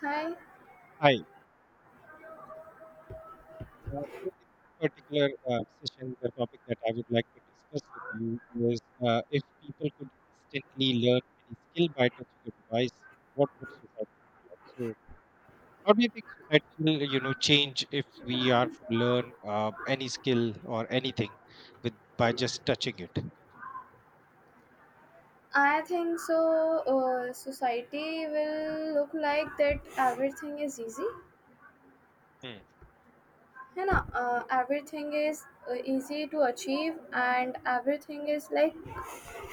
Hi, Hi. So in this particular session, the topic that I would like to discuss with you is if people could instantly learn any skill by touching a device, what would society look like? So, how do you think society will, you know, change if we are to learn any skill or anything with by just touching it? I think so. Society will look like that everything is easy. Hmm. Everything is easy to achieve, and everything is like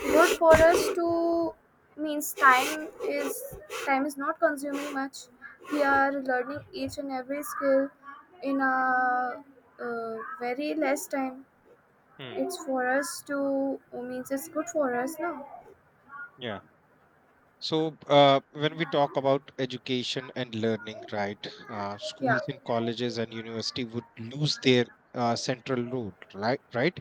good for us to means time is not consuming much. We are learning each and every skill in a very less time. Hmm. It's for us to means it's good for us now. Yeah. So, when we talk about education and learning, right, Yeah, schools and colleges and university would lose their central role, right, right,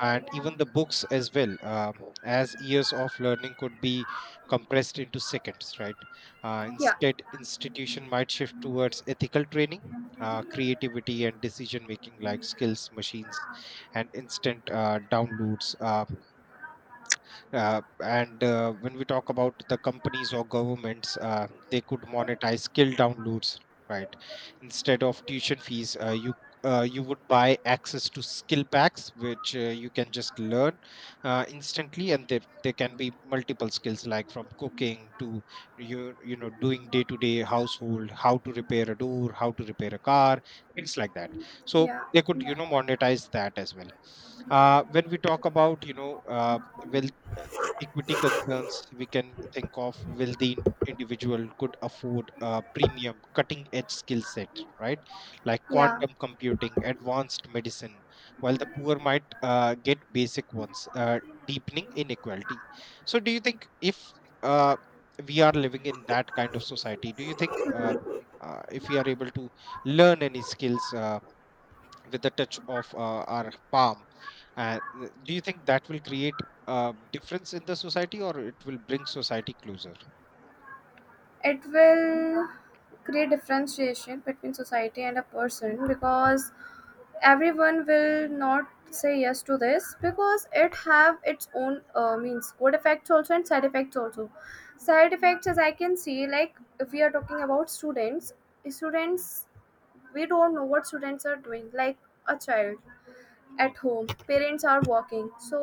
and even the books as well, as years of learning could be compressed into seconds, right. Uh, yeah, instead, institution might shift towards ethical training. Creativity and decision making like skills machines and instant downloads. And when we talk about the companies or governments, they could monetize skill downloads, right? Instead of tuition fees, you would buy access to skill packs, which you can just learn instantly, and there can be multiple skills like from cooking to doing day to day household, how to repair a door, how to repair a car, things like that. So yeah, they could yeah. Monetize that as well. When we talk about wealth, equity concerns, we can think of wealthy individual could afford a premium cutting edge skill set, right, like Yeah, quantum computing, advanced medicine, while the poor might get basic ones, deepening inequality. So do you think if uh, we are living in that kind of society, do you think if we are able to learn any skills with the touch of our palm? And do you think that will create a difference in the society, or it will bring society closer? it will create differentiation between society and a person because everyone will not say yes to this because it have its own means good effects also and side effects also side effects as I can see, like if we are talking about students Mm, students we don't know what students are doing, like a child mm, at home, parents are working, so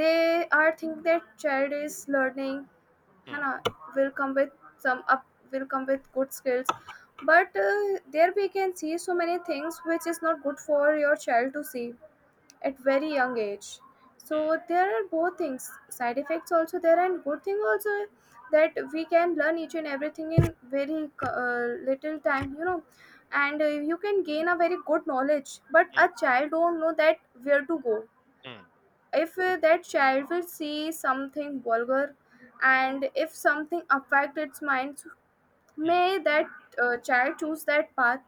they are think their child is learning. mm, Hannah will come with some up will come with good skills, but there we can see so many things which is not good for your child to see at very young age. So mm, there are both things, side effects also there and good thing also, that we can learn each and everything in very little time, you know. And you can gain a very good knowledge, but a mm, child don't know that where to go. mm, If that child will see something vulgar and if something affect its mind, so mm, may that child choose that path.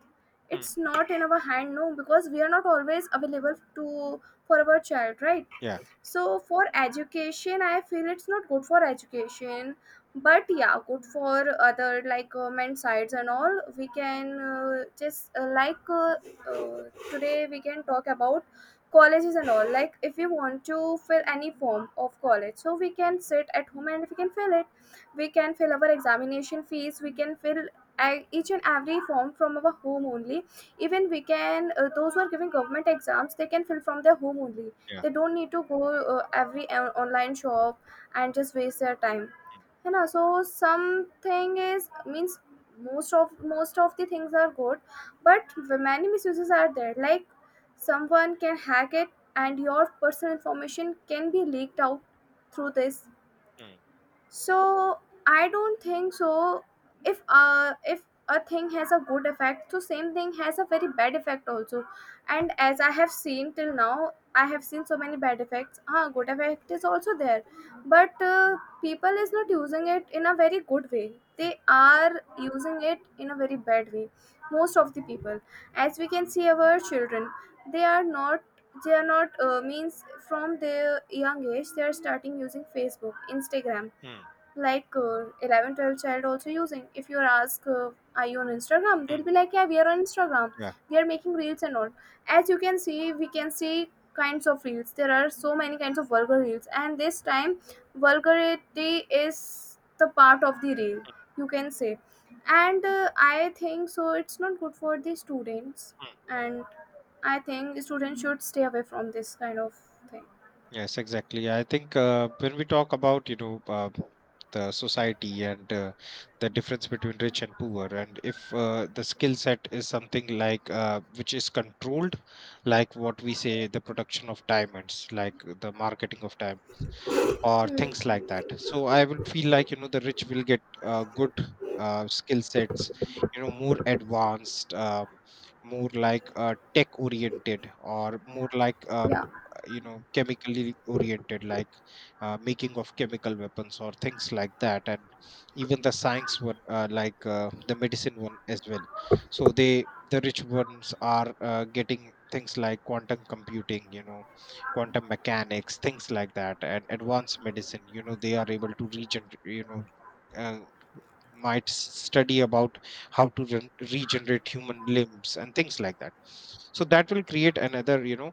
mm. It's not in our hand, no, because we are not always available to for our child, right? Yeah. So for education I feel it's not good for education, but yeah, good for other like government sides and all, we can just like uh, today we can talk about colleges and all. Like if we want to fill any form of college, so we can Mm. sit at home and we can fill it. We can fill our examination fees, we can fill e- each and every form from our home only. Even we can those who are giving government exams, they can fill from their home only. Yeah. They don't need to go every on- online shop and just waste their time, Mm, you know. So something is means most of the things are good, but many misuses are there, like someone can hack it and your personal information can be leaked out through this. mm, So I don't think so. If uh, if a thing has a good effect, so same thing has a very bad effect also. And as I have seen till now, I have seen so many bad effects, ah, good effect is also there, but people is not using it in a very good way, mm, they are using it in a very bad way. Most of the people, as we can see, our children, they are not means from their young age they are starting using Facebook, Instagram, mm, like 11 12 child also using. If you ask are you on Instagram, they'll mm. be like, yeah, we are on Instagram. Yeah. We are making reels and all. As you can see, we can see kinds of reels, there are so many kinds of vulgar reels, and this time vulgarity is the part of the reel, you can say. And I think so it's not good for the students, and I think students should stay away from this kind of thing. Yes, exactly. I think when we talk about, you know, the society, and the difference between rich and poor, and if the skill set is something like which is controlled, like what we say, the production of diamonds, like the marketing of diamonds, or things like that. So I would feel like, you know, the rich will get good skill sets, you know, more advanced, more like tech oriented, or more like Yeah. you know chemically oriented, like making of chemical weapons or things like that, and even the science one like the medicine one as well. So they the rich ones are getting things like quantum computing, you know, quantum mechanics, things like that, and advanced medicine, you know, they are able to regenerate, you know, uh, might study about how to regenerate human limbs and things like that. So that will create another, you know,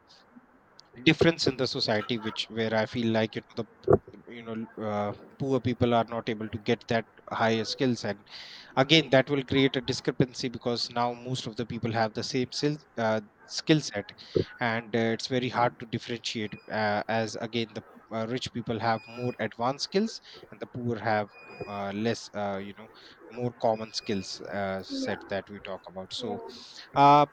difference in the society, which where I feel like, you know, the, you know, uh, poor people are not able to get that higher skills, and again that will create a discrepancy, because now most of the people have the same skill skill set, and it's very hard to differentiate as again the rich people have more advanced skills, and the poor have less, you know, more common skills Yeah. set that we talk about. Yeah, So uh,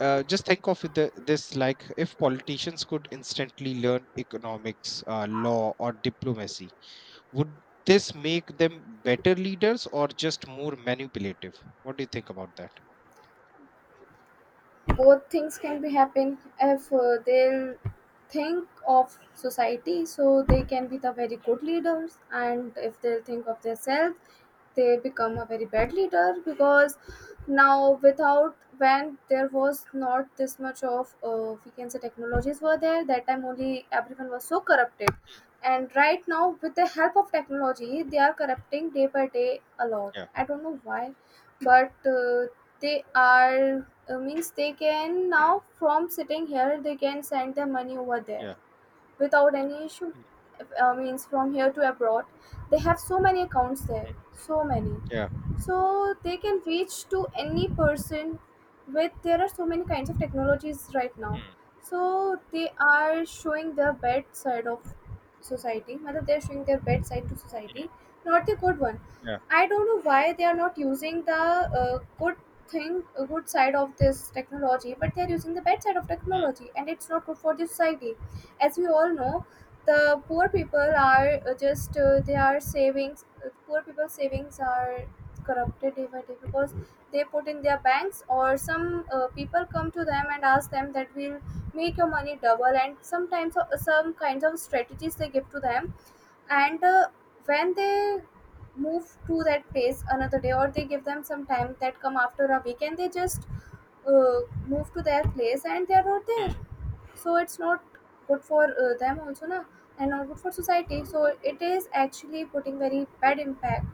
just think of the, this, like if politicians could instantly learn economics, law, or diplomacy, would this make them better leaders or just more manipulative? What do you think about that? both things can be happen. If they'll think of society, so they can be the very good leaders, and if they'll think of themselves, they become a very bad leader. Because now without, when there was not this much of we can say technologies were there, that time only everyone was so corrupted. Mm. And right now with the help of technology, they are corrupting day by day a lot, Yeah, I don't know why. But they are means they can now from sitting here, they can send their money over there yeah. without any issue. Mm, Means from here to abroad, they have so many accounts mm, there, so many. yeah. So they can reach to any person. With there are so many kinds of technologies right now. Mm, So they are showing their bad side of society. Matlab, they are showing their bad side to mm, society, not the good one. yeah. I don't know why they are not using the good thing, good side of this technology, but they are using the bad side of Mm, technology, and it's not good for the society. As we all know, the poor people are just they are savings, poor people's savings are corrupted even. Because they put in their banks, or some people come to them and ask them that we'll make your money double, and sometimes some kinds of strategies they give to them. And when they move to that place another day, or they give them some time, that come after a week, and they just uh, move to their place, and they are not there. mm, So it's not good for them also na, and not good for society. So it is actually putting very bad impact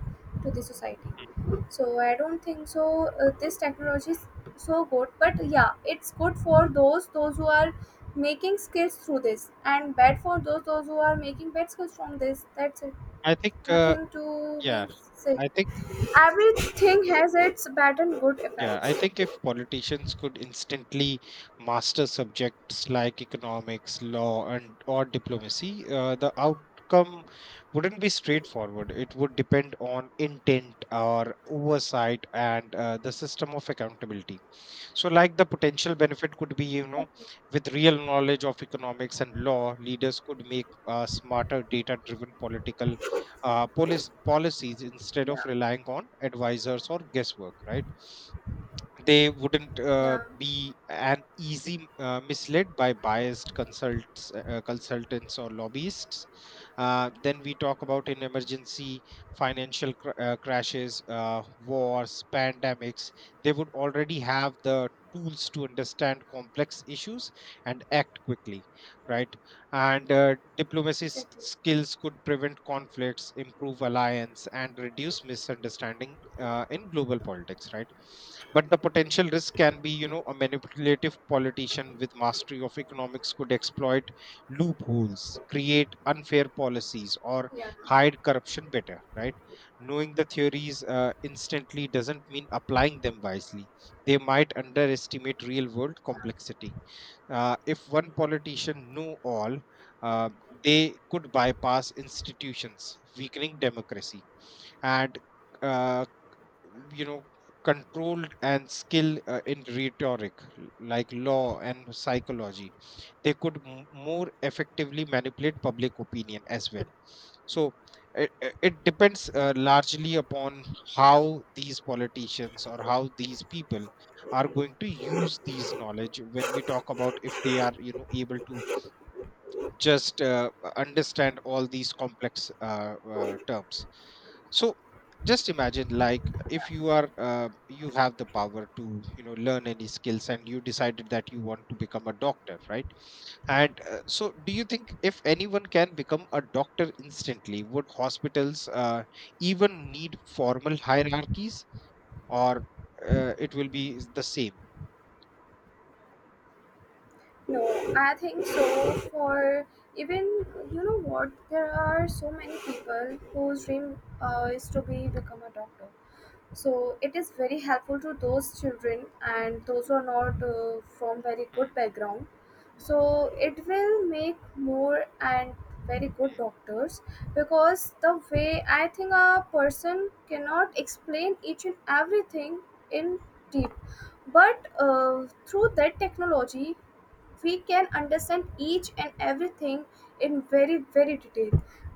to the society. mm. So I don't think so this technology is so good. But yeah, it's good for those who are making skills through this, and bad for those who are making bad skills from this, that's it. I think Nothing to be Yeah, said. I think Everything has its bad and good yeah, I effects. think if politicians could instantly master subjects like economics, law, and or diplomacy, the outcome wouldn't be straightforward. It would depend on intent or oversight and the system of accountability. So, like, the potential benefit could be, you know, Exactly. with real knowledge of economics and law, leaders could make smarter data-driven political policies, instead of Yeah. relying on advisors or guesswork, right? They wouldn't Yeah, be an easy misled by biased consults consultants or lobbyists. Then we talk about in emergency, financial crashes, wars, pandemics, they would already have the tools to understand complex issues and act quickly, right? And diplomacy exactly. skills could prevent conflicts, improve alliance, and reduce misunderstandings in global politics, right? But the potential risk can be, you know, a manipulative politician with mastery of economics could exploit loopholes, create unfair policies, or Yeah. hide corruption better, right? Knowing the theories instantly doesn't mean applying them wisely. They might underestimate real world complexity. If one politician knew all, uh, they could bypass institutions, weakening democracy, and uh, you know, control and skill in rhetoric, like law and psychology, they could more effectively manipulate public opinion as well. So it depends largely upon how these politicians or how these people are going to use these knowledge, when we talk about if they are, you know, able to just understand all these complex terms. So just imagine, like if you are you have the power to, you know, learn any skills, and you decided that you want to become a doctor, right? And so do you think if anyone can become a doctor instantly, would hospitals even need formal hierarchies, or it will be the same? No, I think so for even, you know what, there are so many people whose dream is to be become a doctor. So it is very helpful to those children and those who are not from very Hmm, good background. So it will make more and very good doctors, because the way I think a person cannot explain each and everything in deep. But through that technology, we can understand each and everything in very very detail.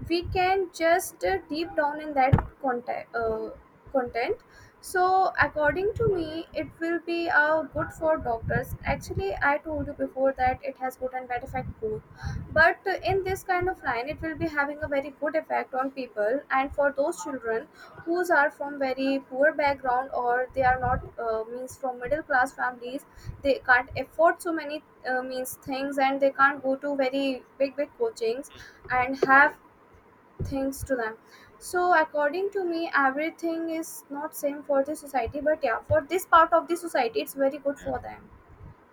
We can just deep down in that content uh, content. So according to me, it will be good for doctors. Actually I told you before that it has good and bad effect both. But in this kind of line, it will be having a very good effect on people, and for those children whose are from very poor background, or they are not means from middle class families. They can't afford so many means things, and they can't go to very big big coachings hmm. and have things to them. So according to me, everything is not same for the society, but yeah, for this part of the society, it's very good Yeah. for them.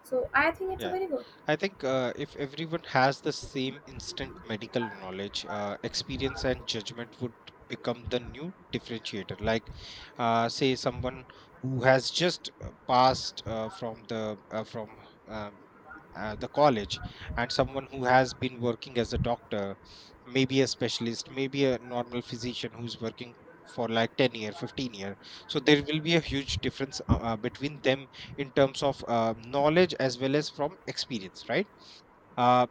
So I think it's a Yeah, very good. I think if everyone has the same instant medical knowledge, experience and judgment would become the new differentiator. Like, say someone who has just passed from um, the college, and someone who has been working as a doctor, maybe a specialist, maybe a normal physician who's working for like 10 year 15 year. So there will be a huge difference between them in terms of knowledge as well as from experience, right? uh,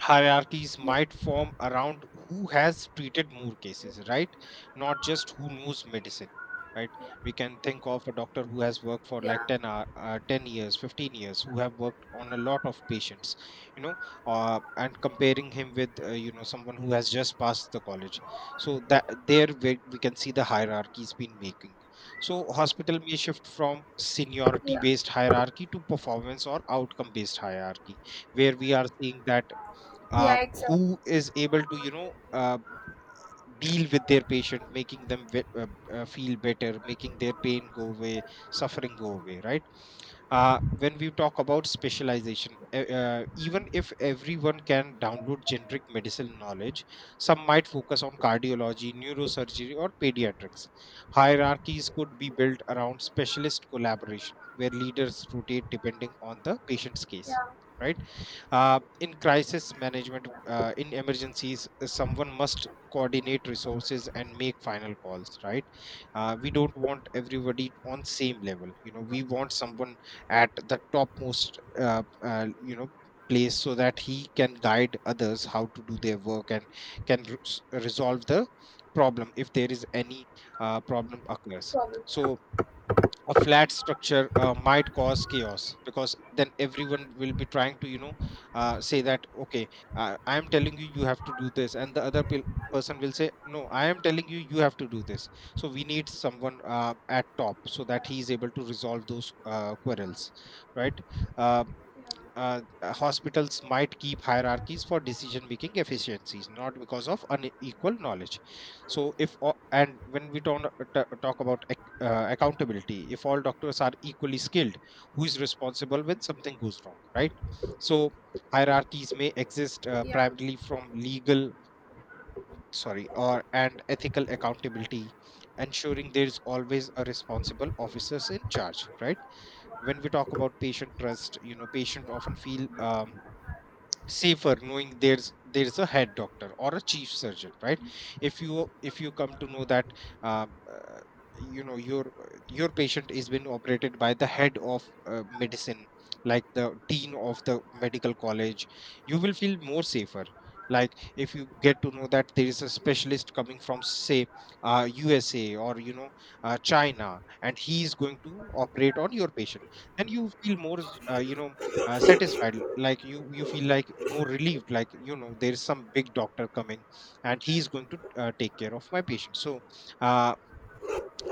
hierarchies Yeah, might form around who has treated more cases, right? Not just who knows medicine, right? yeah, We can think of a doctor who has worked for like yeah, 10 years, 15 years, who have worked on a lot of patients, you know, and comparing him with, you know, someone who has just passed the college. So that there we can see the hierarchies been making. So hospital may shift from seniority yeah, based hierarchy to performance or outcome based hierarchy, where we are seeing that yeah, exactly. who is able to, you know, deal with their patient, making them feel better, making their pain go away, suffering go away, right? When we talk about specialization, even if everyone can download generic medicinal knowledge, some might focus on cardiology, neurosurgery, or pediatrics. Hierarchies could be built around specialist collaboration, where leaders rotate depending on the patient's case, Yeah. right? In crisis management, in emergencies, someone must coordinate resources and make final calls. Right? We don't want everybody on same level. You know, we want someone at the topmost. You know, place, so that he can guide others how to do their work, and can resolve the problem if there is any problem occurs. Problem, yeah. So a flat structure might cause chaos, because then everyone will be trying to, you know, say that okay, I am telling you, you have to do this, and the other person will say, no, I am telling you, you have to do this. So we need someone at top, so that he is able to resolve those quarrels, right? Uh, uh, uh, hospitals might keep hierarchies for decision making efficiencies, not because of unequal knowledge. So if all, and when we don't talk about accountability, if all doctors are equally skilled, who is responsible when something goes wrong, right? So hierarchies may exist Yeah, primarily from legal, sorry, or and ethical accountability, ensuring there's always a responsible officers in charge, right? When we talk about patient trust, you know, patient often feel safer knowing there's a head doctor or a chief surgeon, right? If you come to know that um, uh, you know, your patient is being operated by the head of medicine, like the dean of the medical college, you will feel more safer. Like if you get to know that there is a specialist coming from, say, USA, or you know, China, and he is going to operate on your patient, then you feel more you know, satisfied, like you feel like more relieved, like you know, there's some big doctor coming, and he's going to take care of my patient. So uh,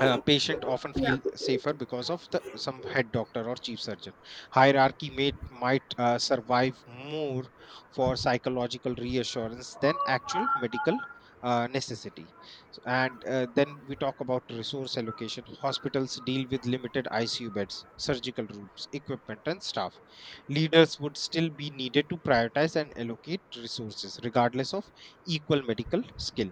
patient often yeah, feel safer because of the, some head doctor or chief surgeon. Hierarchy might survive more for psychological reassurance than actual medical necessity. And then we talk about resource allocation. Hospitals deal with limited ICU beds, surgical rooms, equipment, and staff. Leaders would still be needed to prioritize and allocate resources regardless of equal medical skill,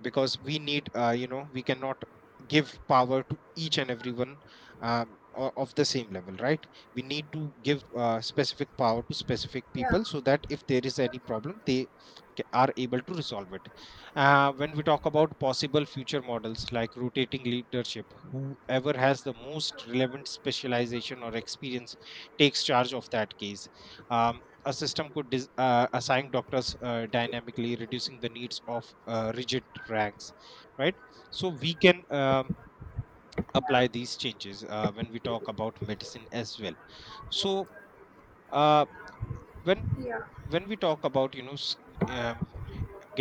because we need we cannot give power to each and everyone, of the same level, right. We need to give specific power to specific yeah, people so that if there is any problem, they are able to resolve it. When we talk about possible future models like rotating leadership, whoever has the most relevant specialization or experience takes charge of that case. Um, a system could assign doctors dynamically, reducing the needs of rigid ranks, right. So we can apply these changes when we talk about medicine as well. So uh, when yeah, yeah, when we talk about, um,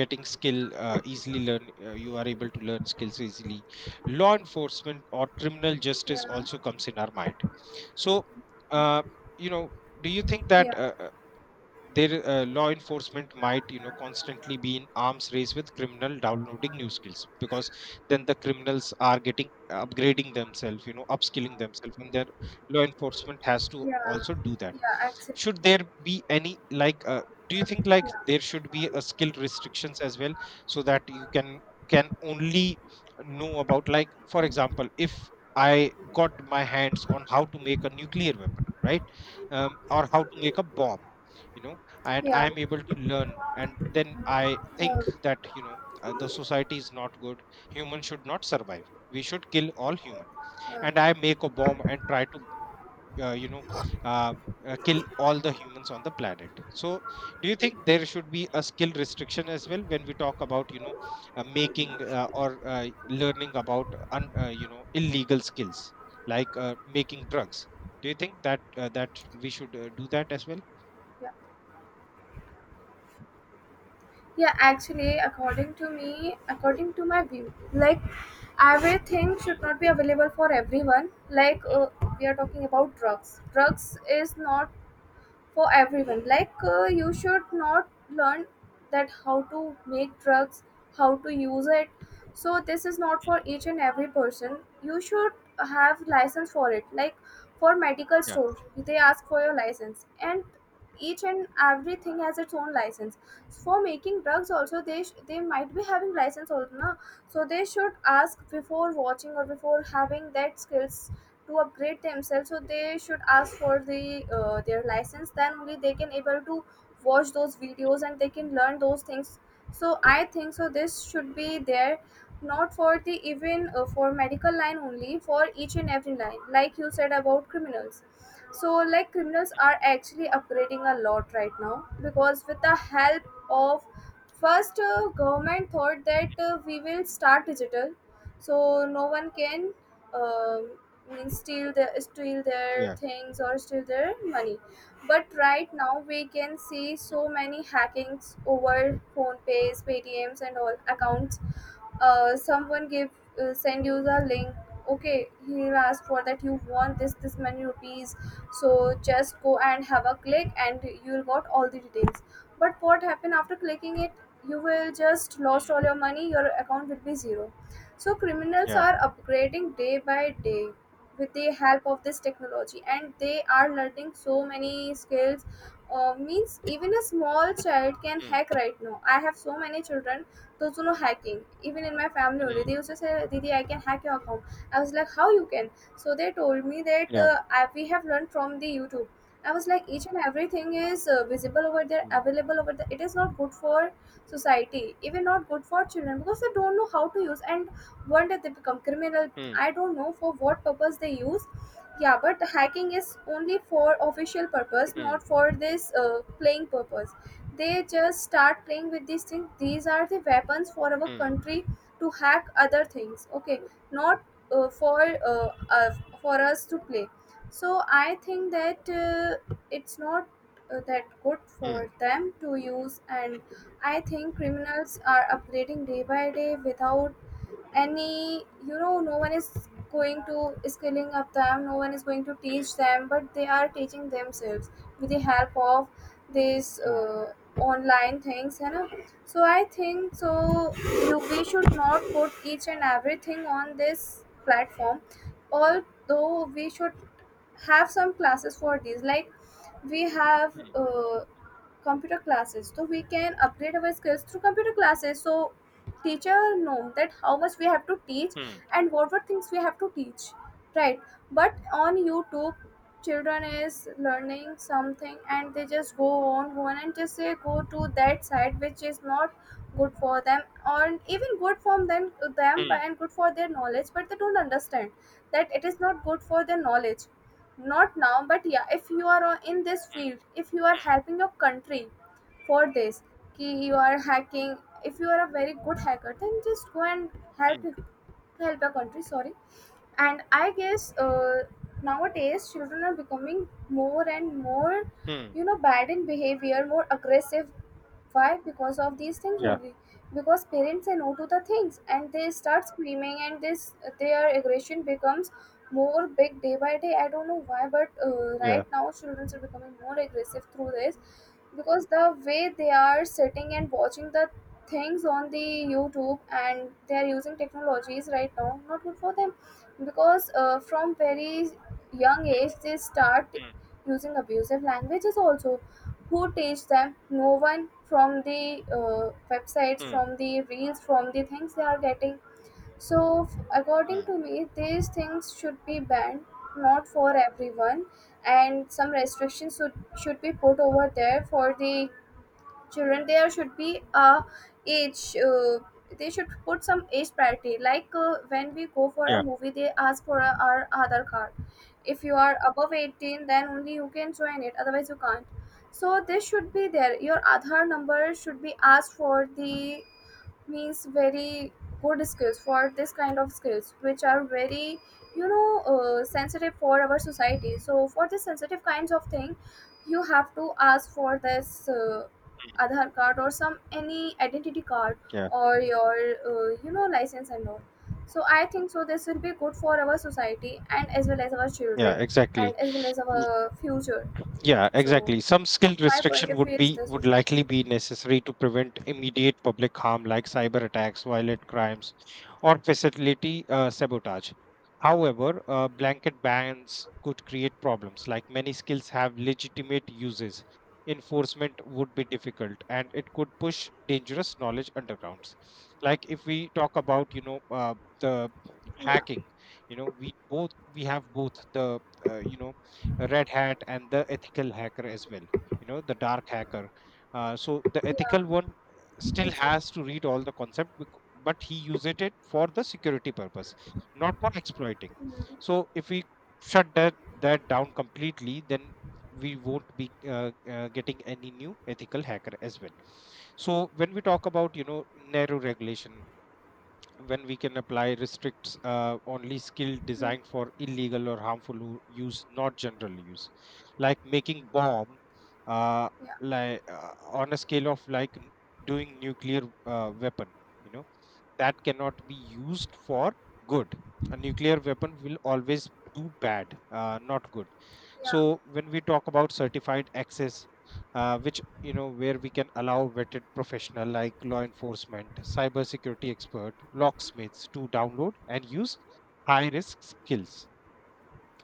getting skill, easily learn you are able to learn skills easily. Law enforcement or criminal justice yeah, also comes in our mind. So uh, you know do you think yeah, that their law enforcement might, constantly be in arms race with criminal downloading new skills? Because then the criminals are getting upgrading themselves, upskilling themselves, and their law enforcement has to yeah, also do that. yeah, exactly, Should there be any, like, do you think like there should be a skill restrictions as well, so that you can only know about, like, for example, if I got my hands on how to make a nuclear weapon, right? Or how to make a bomb, you know and I yeah, am able to learn, and then I yeah, think that, the society is not good, humans should not survive, we should kill all humans, yeah. and I make a bomb and try to uh, you know uh, kill all the humans on the planet. So do you think there should be a skill restriction as well when we talk about, making or learning about, un, you know illegal skills, like making drugs? Do you think that that we should do that as well? Yeah. Yeah, actually, according to me, according to my view, like everything should Mm, not be available for everyone. Like mm, we are talking about drugs. Drugs is not for everyone. Like you should not learn that how to make drugs, how to use it. So this is not for mm. each and every person. You should have license for it. Like for medical Yeah. store, they ask for your license, and each and everything has its own license. For making drugs also, they they might be having license also na? So they should ask before watching or before having that skills to upgrade themselves. So they should ask for the their license, then only they can able to watch those videos Mm. and they can learn those things. So I think so this should be there. Not for the even for medical line only, for each and every line, like you said about criminals. So like criminals are actually upgrading a lot right now, because with the help of first, government thought that we will start digital, so no one can um means steal their things or steal their money. But right now we can see so many hackings over phone pays, paytms and all accounts. Someone give send you the link, okay, he'll ask for that you want this this many rupees, so just go and have a click and you'll got all the details. But what happen after clicking it, you will just lost all your money, your account will be zero. So criminals Yeah. are upgrading day by day with the help of this technology, and they are learning so many skills. Means even a small child can Mm. hack right now. I have so many children the know hacking. Even in my family only, Mm. they used to say, Didi, I can hack your account. I was like, how you can? So they told me that Yeah. We have learned from the YouTube. I was like, each and everything is visible over there, Mm. Mm. Yeah. Mm. available over there. It is not good for society, even not good for children because they don't know how to use. And one day they become criminal. Mm. I don't know for what purpose they use. Yeah, but hacking is only for official purpose, not for this playing purpose. They just start playing with these things. These are the weapons for our Mm. country to hack other things, okay, not uh, for uh, uh, for us to play. So I think that it's not that good Mm. for them to use. And I think criminals are upgrading day by day without any, you know, no one is going to skilling up them, no one is going to Mm. teach them, but they are teaching themselves with the help of these online things, you know. So I think so we should not put each and everything on this platform. Although we should have some classes for these, like we have Mm. Computer classes, so we can upgrade our skills through computer classes, so teacher know that how much we have to teach Mm. and what things we have to teach, right? But on YouTube, children is learning something and they just go on and just say go to that side, which is not good for them, or even good for them, Mm. Mm. and good for their knowledge, but they don't understand that it is not good for their knowledge. Not now, but yeah, if you are in this field, if you are helping your country for this, ki you are hacking, if you are a very good hacker, then just go and Mm. Mm. help help your country, sorry. And I guess nowadays children are becoming more and more, Mm. you know, bad in behavior, more aggressive. Why? Because of these things Yeah. only, because parents say no to the things and they start screaming, and this, their aggression becomes more big day by day. I don't know why, but Yeah. right now children are becoming more aggressive through this, because the way they are sitting and watching the things on the YouTube and they are using technologies right now, not good for them, because from very young Mm. age they start using abusive languages also. Who teach them? No one. From the websites, Mm. from the reels, from the things they are getting. So, according Mm. to me, these things should be banned, not for everyone, and some restrictions should be put over there for the children. There should be a age. They should put some age parity. Like when we go for a Yeah. movie, they ask for our Aadhaar card. If you are above 18, then only you can join it. Otherwise, you can't. So this should be there. Your Aadhaar number should be asked for the, means, very good skills for this kind of skills which are very, you know, sensitive for our society. So for this sensitive kinds of thing, you have to ask for this Mm. Aadhaar card or some any identity card, Yeah. or your you know, license and all. So I think so this will be good for our society and as well as our Yeah. children and Exactly. as well as our future. Yeah, So exactly. Some skill my point restriction of view is this would only. likely be necessary to prevent immediate public harm like cyber attacks, violent crimes, or facility sabotage. However, blanket bans could create problems. Like, many skills have legitimate uses, enforcement would be difficult, and it could push dangerous knowledge undergrounds. Like, if we talk about, the Yeah, hacking, we have both the, uh, you know red hat and the ethical hacker as well, the dark hacker. So the yeah, ethical one still exactly. has to read all the concept, but he uses it for the security purpose, not for exploiting. Mhm. So if we shut that down completely, then we won't be getting any new ethical hacker as well. So when we talk about, narrow regulation, when we can apply restricts only skill Mhm. designed for illegal or harmful use, not general use. Like making bomb, uh, Yeah. like on a scale of like doing nuclear weapon, you know, that cannot be used for good. A nuclear weapon will always do bad, not good. Yeah, So when we talk about certified access, which you know where we can allow vetted professional like law enforcement, cybersecurity expert, locksmiths, to download and use high risk skills,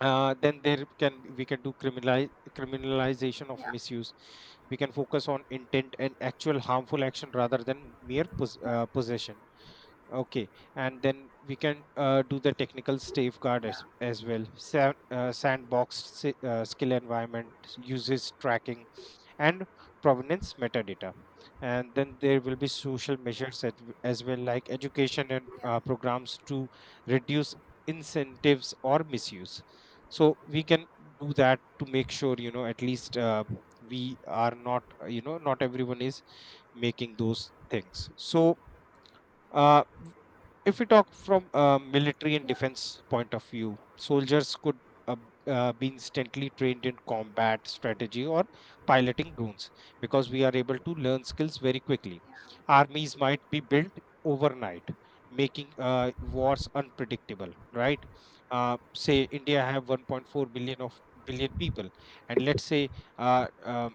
then there can we can do criminalization of yeah, misuse. We can focus on intent and actual harmful action rather than mere yeah, possession. Okay, and then we can do the technical safeguard yeah, as well. Sandbox skill environment, uses tracking and provenance metadata. And then there will be social yeah, measures yeah, as well, like education and programs to reduce incentives or misuse. So we can do that to make sure, at least, we are not, not everyone is making those things. So, uh, if we talk from a military and yeah, defense point of view, soldiers could uh, be instantly trained in combat strategy or piloting drones, because we are able to learn skills very quickly. Armies might be built overnight, making wars unpredictable, right? Say India have 1.4 billion of billion people, and let's say uh, um,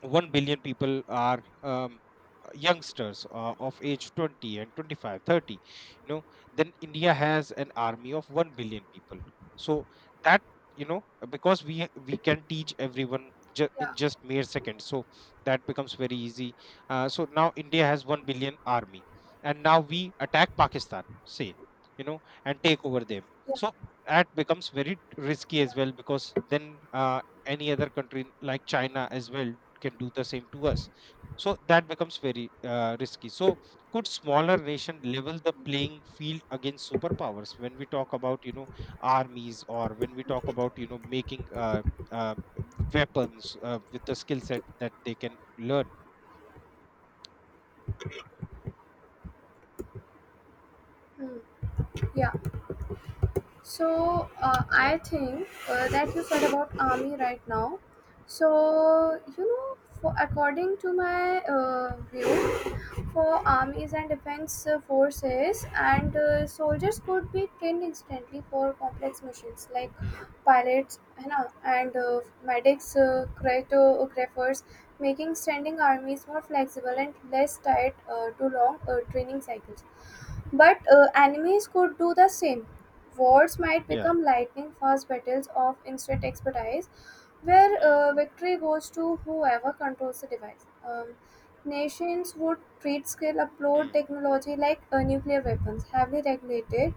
1 billion people are youngsters of age 20 and 25, 30, you know then India has an army of 1 billion people. So that, because we can teach everyone yeah, in just mere seconds, so that becomes very easy. So now India has 1 billion army, and now we attack Pakistan, say, you know and take over them. yeah, So that becomes very risky yeah. as well, because then uh, any other country, like China as well, can do the same to us, so that becomes very risky. So could smaller nation level the playing field against superpowers when we talk about, armies, or when we talk about, making uh, weapons with the skill set that they can learn? Hmm. Yeah. So Yeah. I think that you said about army right now. So you know, for according to my view, for armies and defense forces, and soldiers Mm, could be trained instantly for complex missions like mm, pilots है ना, and medics, cryptographers, making mm, standing armies more flexible mm, and less tied to long training cycles. mm. But enemies could do the same. Wars might Yeah. become lightning fast battles of instant expertise, where Mm, victory goes to whoever controls the device. Nations would treat skill upload mm, technology like nuclear weapons, heavily regulated,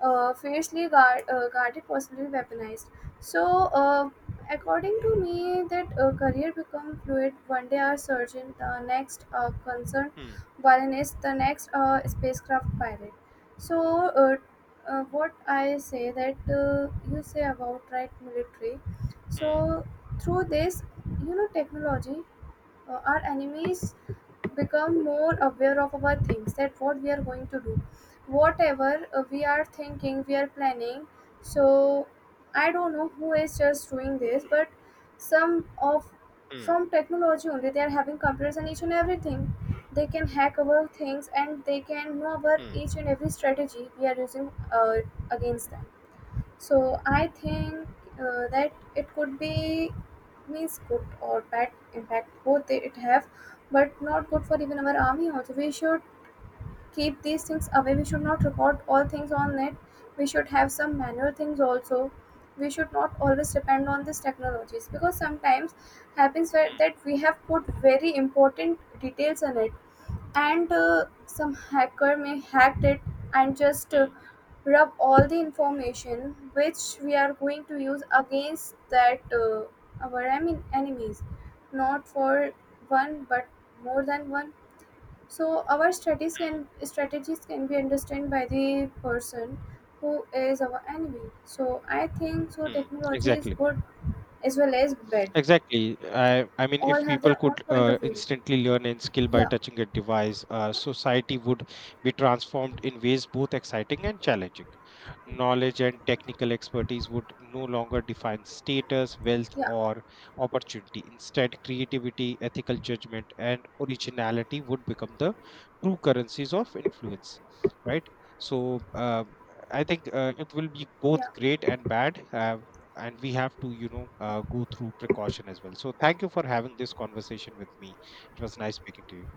fiercely guarded, possibly weaponized. So, uh, according to me, that career become fluid. One day a surgeon, the next a concerned mm, violinist, the next a spacecraft pilot. So, what I say that you say about right military. mm, So, through this, you know, technology, our enemies become more aware of our things, that what we are going to do, whatever we are thinking, we are planning. So I don't know who is just doing this, but some of, mm, from technology only, they are having computers and each and everything. They can hack our things and they can know about mm, each and every strategy we are using against them. So I think that it could be, means, good or bad impact both it have, but not good for even our army also. We should keep these things away. We should not report all things on it. We should have some manual things also. We should not always depend on these technologies, because sometimes happens where mm, that we have put very important details on it, and some hacker may hack it and just mm. rub all the information which we are going to use against that our I enemies, not for one but more than one. So our strategies can be understood by the person who is our enemy. So I think so Hmm. technology is Exactly. good as well as bad. Exactly. I mean, All if have people their own could point of view. instantly learn and skill by Yeah, touching a device, society would be transformed in ways both exciting and challenging. Knowledge and technical expertise would no longer define status, wealth, yeah, or opportunity. Instead, creativity, ethical judgment, and originality would become the true currencies of influence. Right. So, I think it will be both yeah, great and bad. And we have to, go through precaution as well. So, thank you for having this conversation with me. It was nice speaking to you.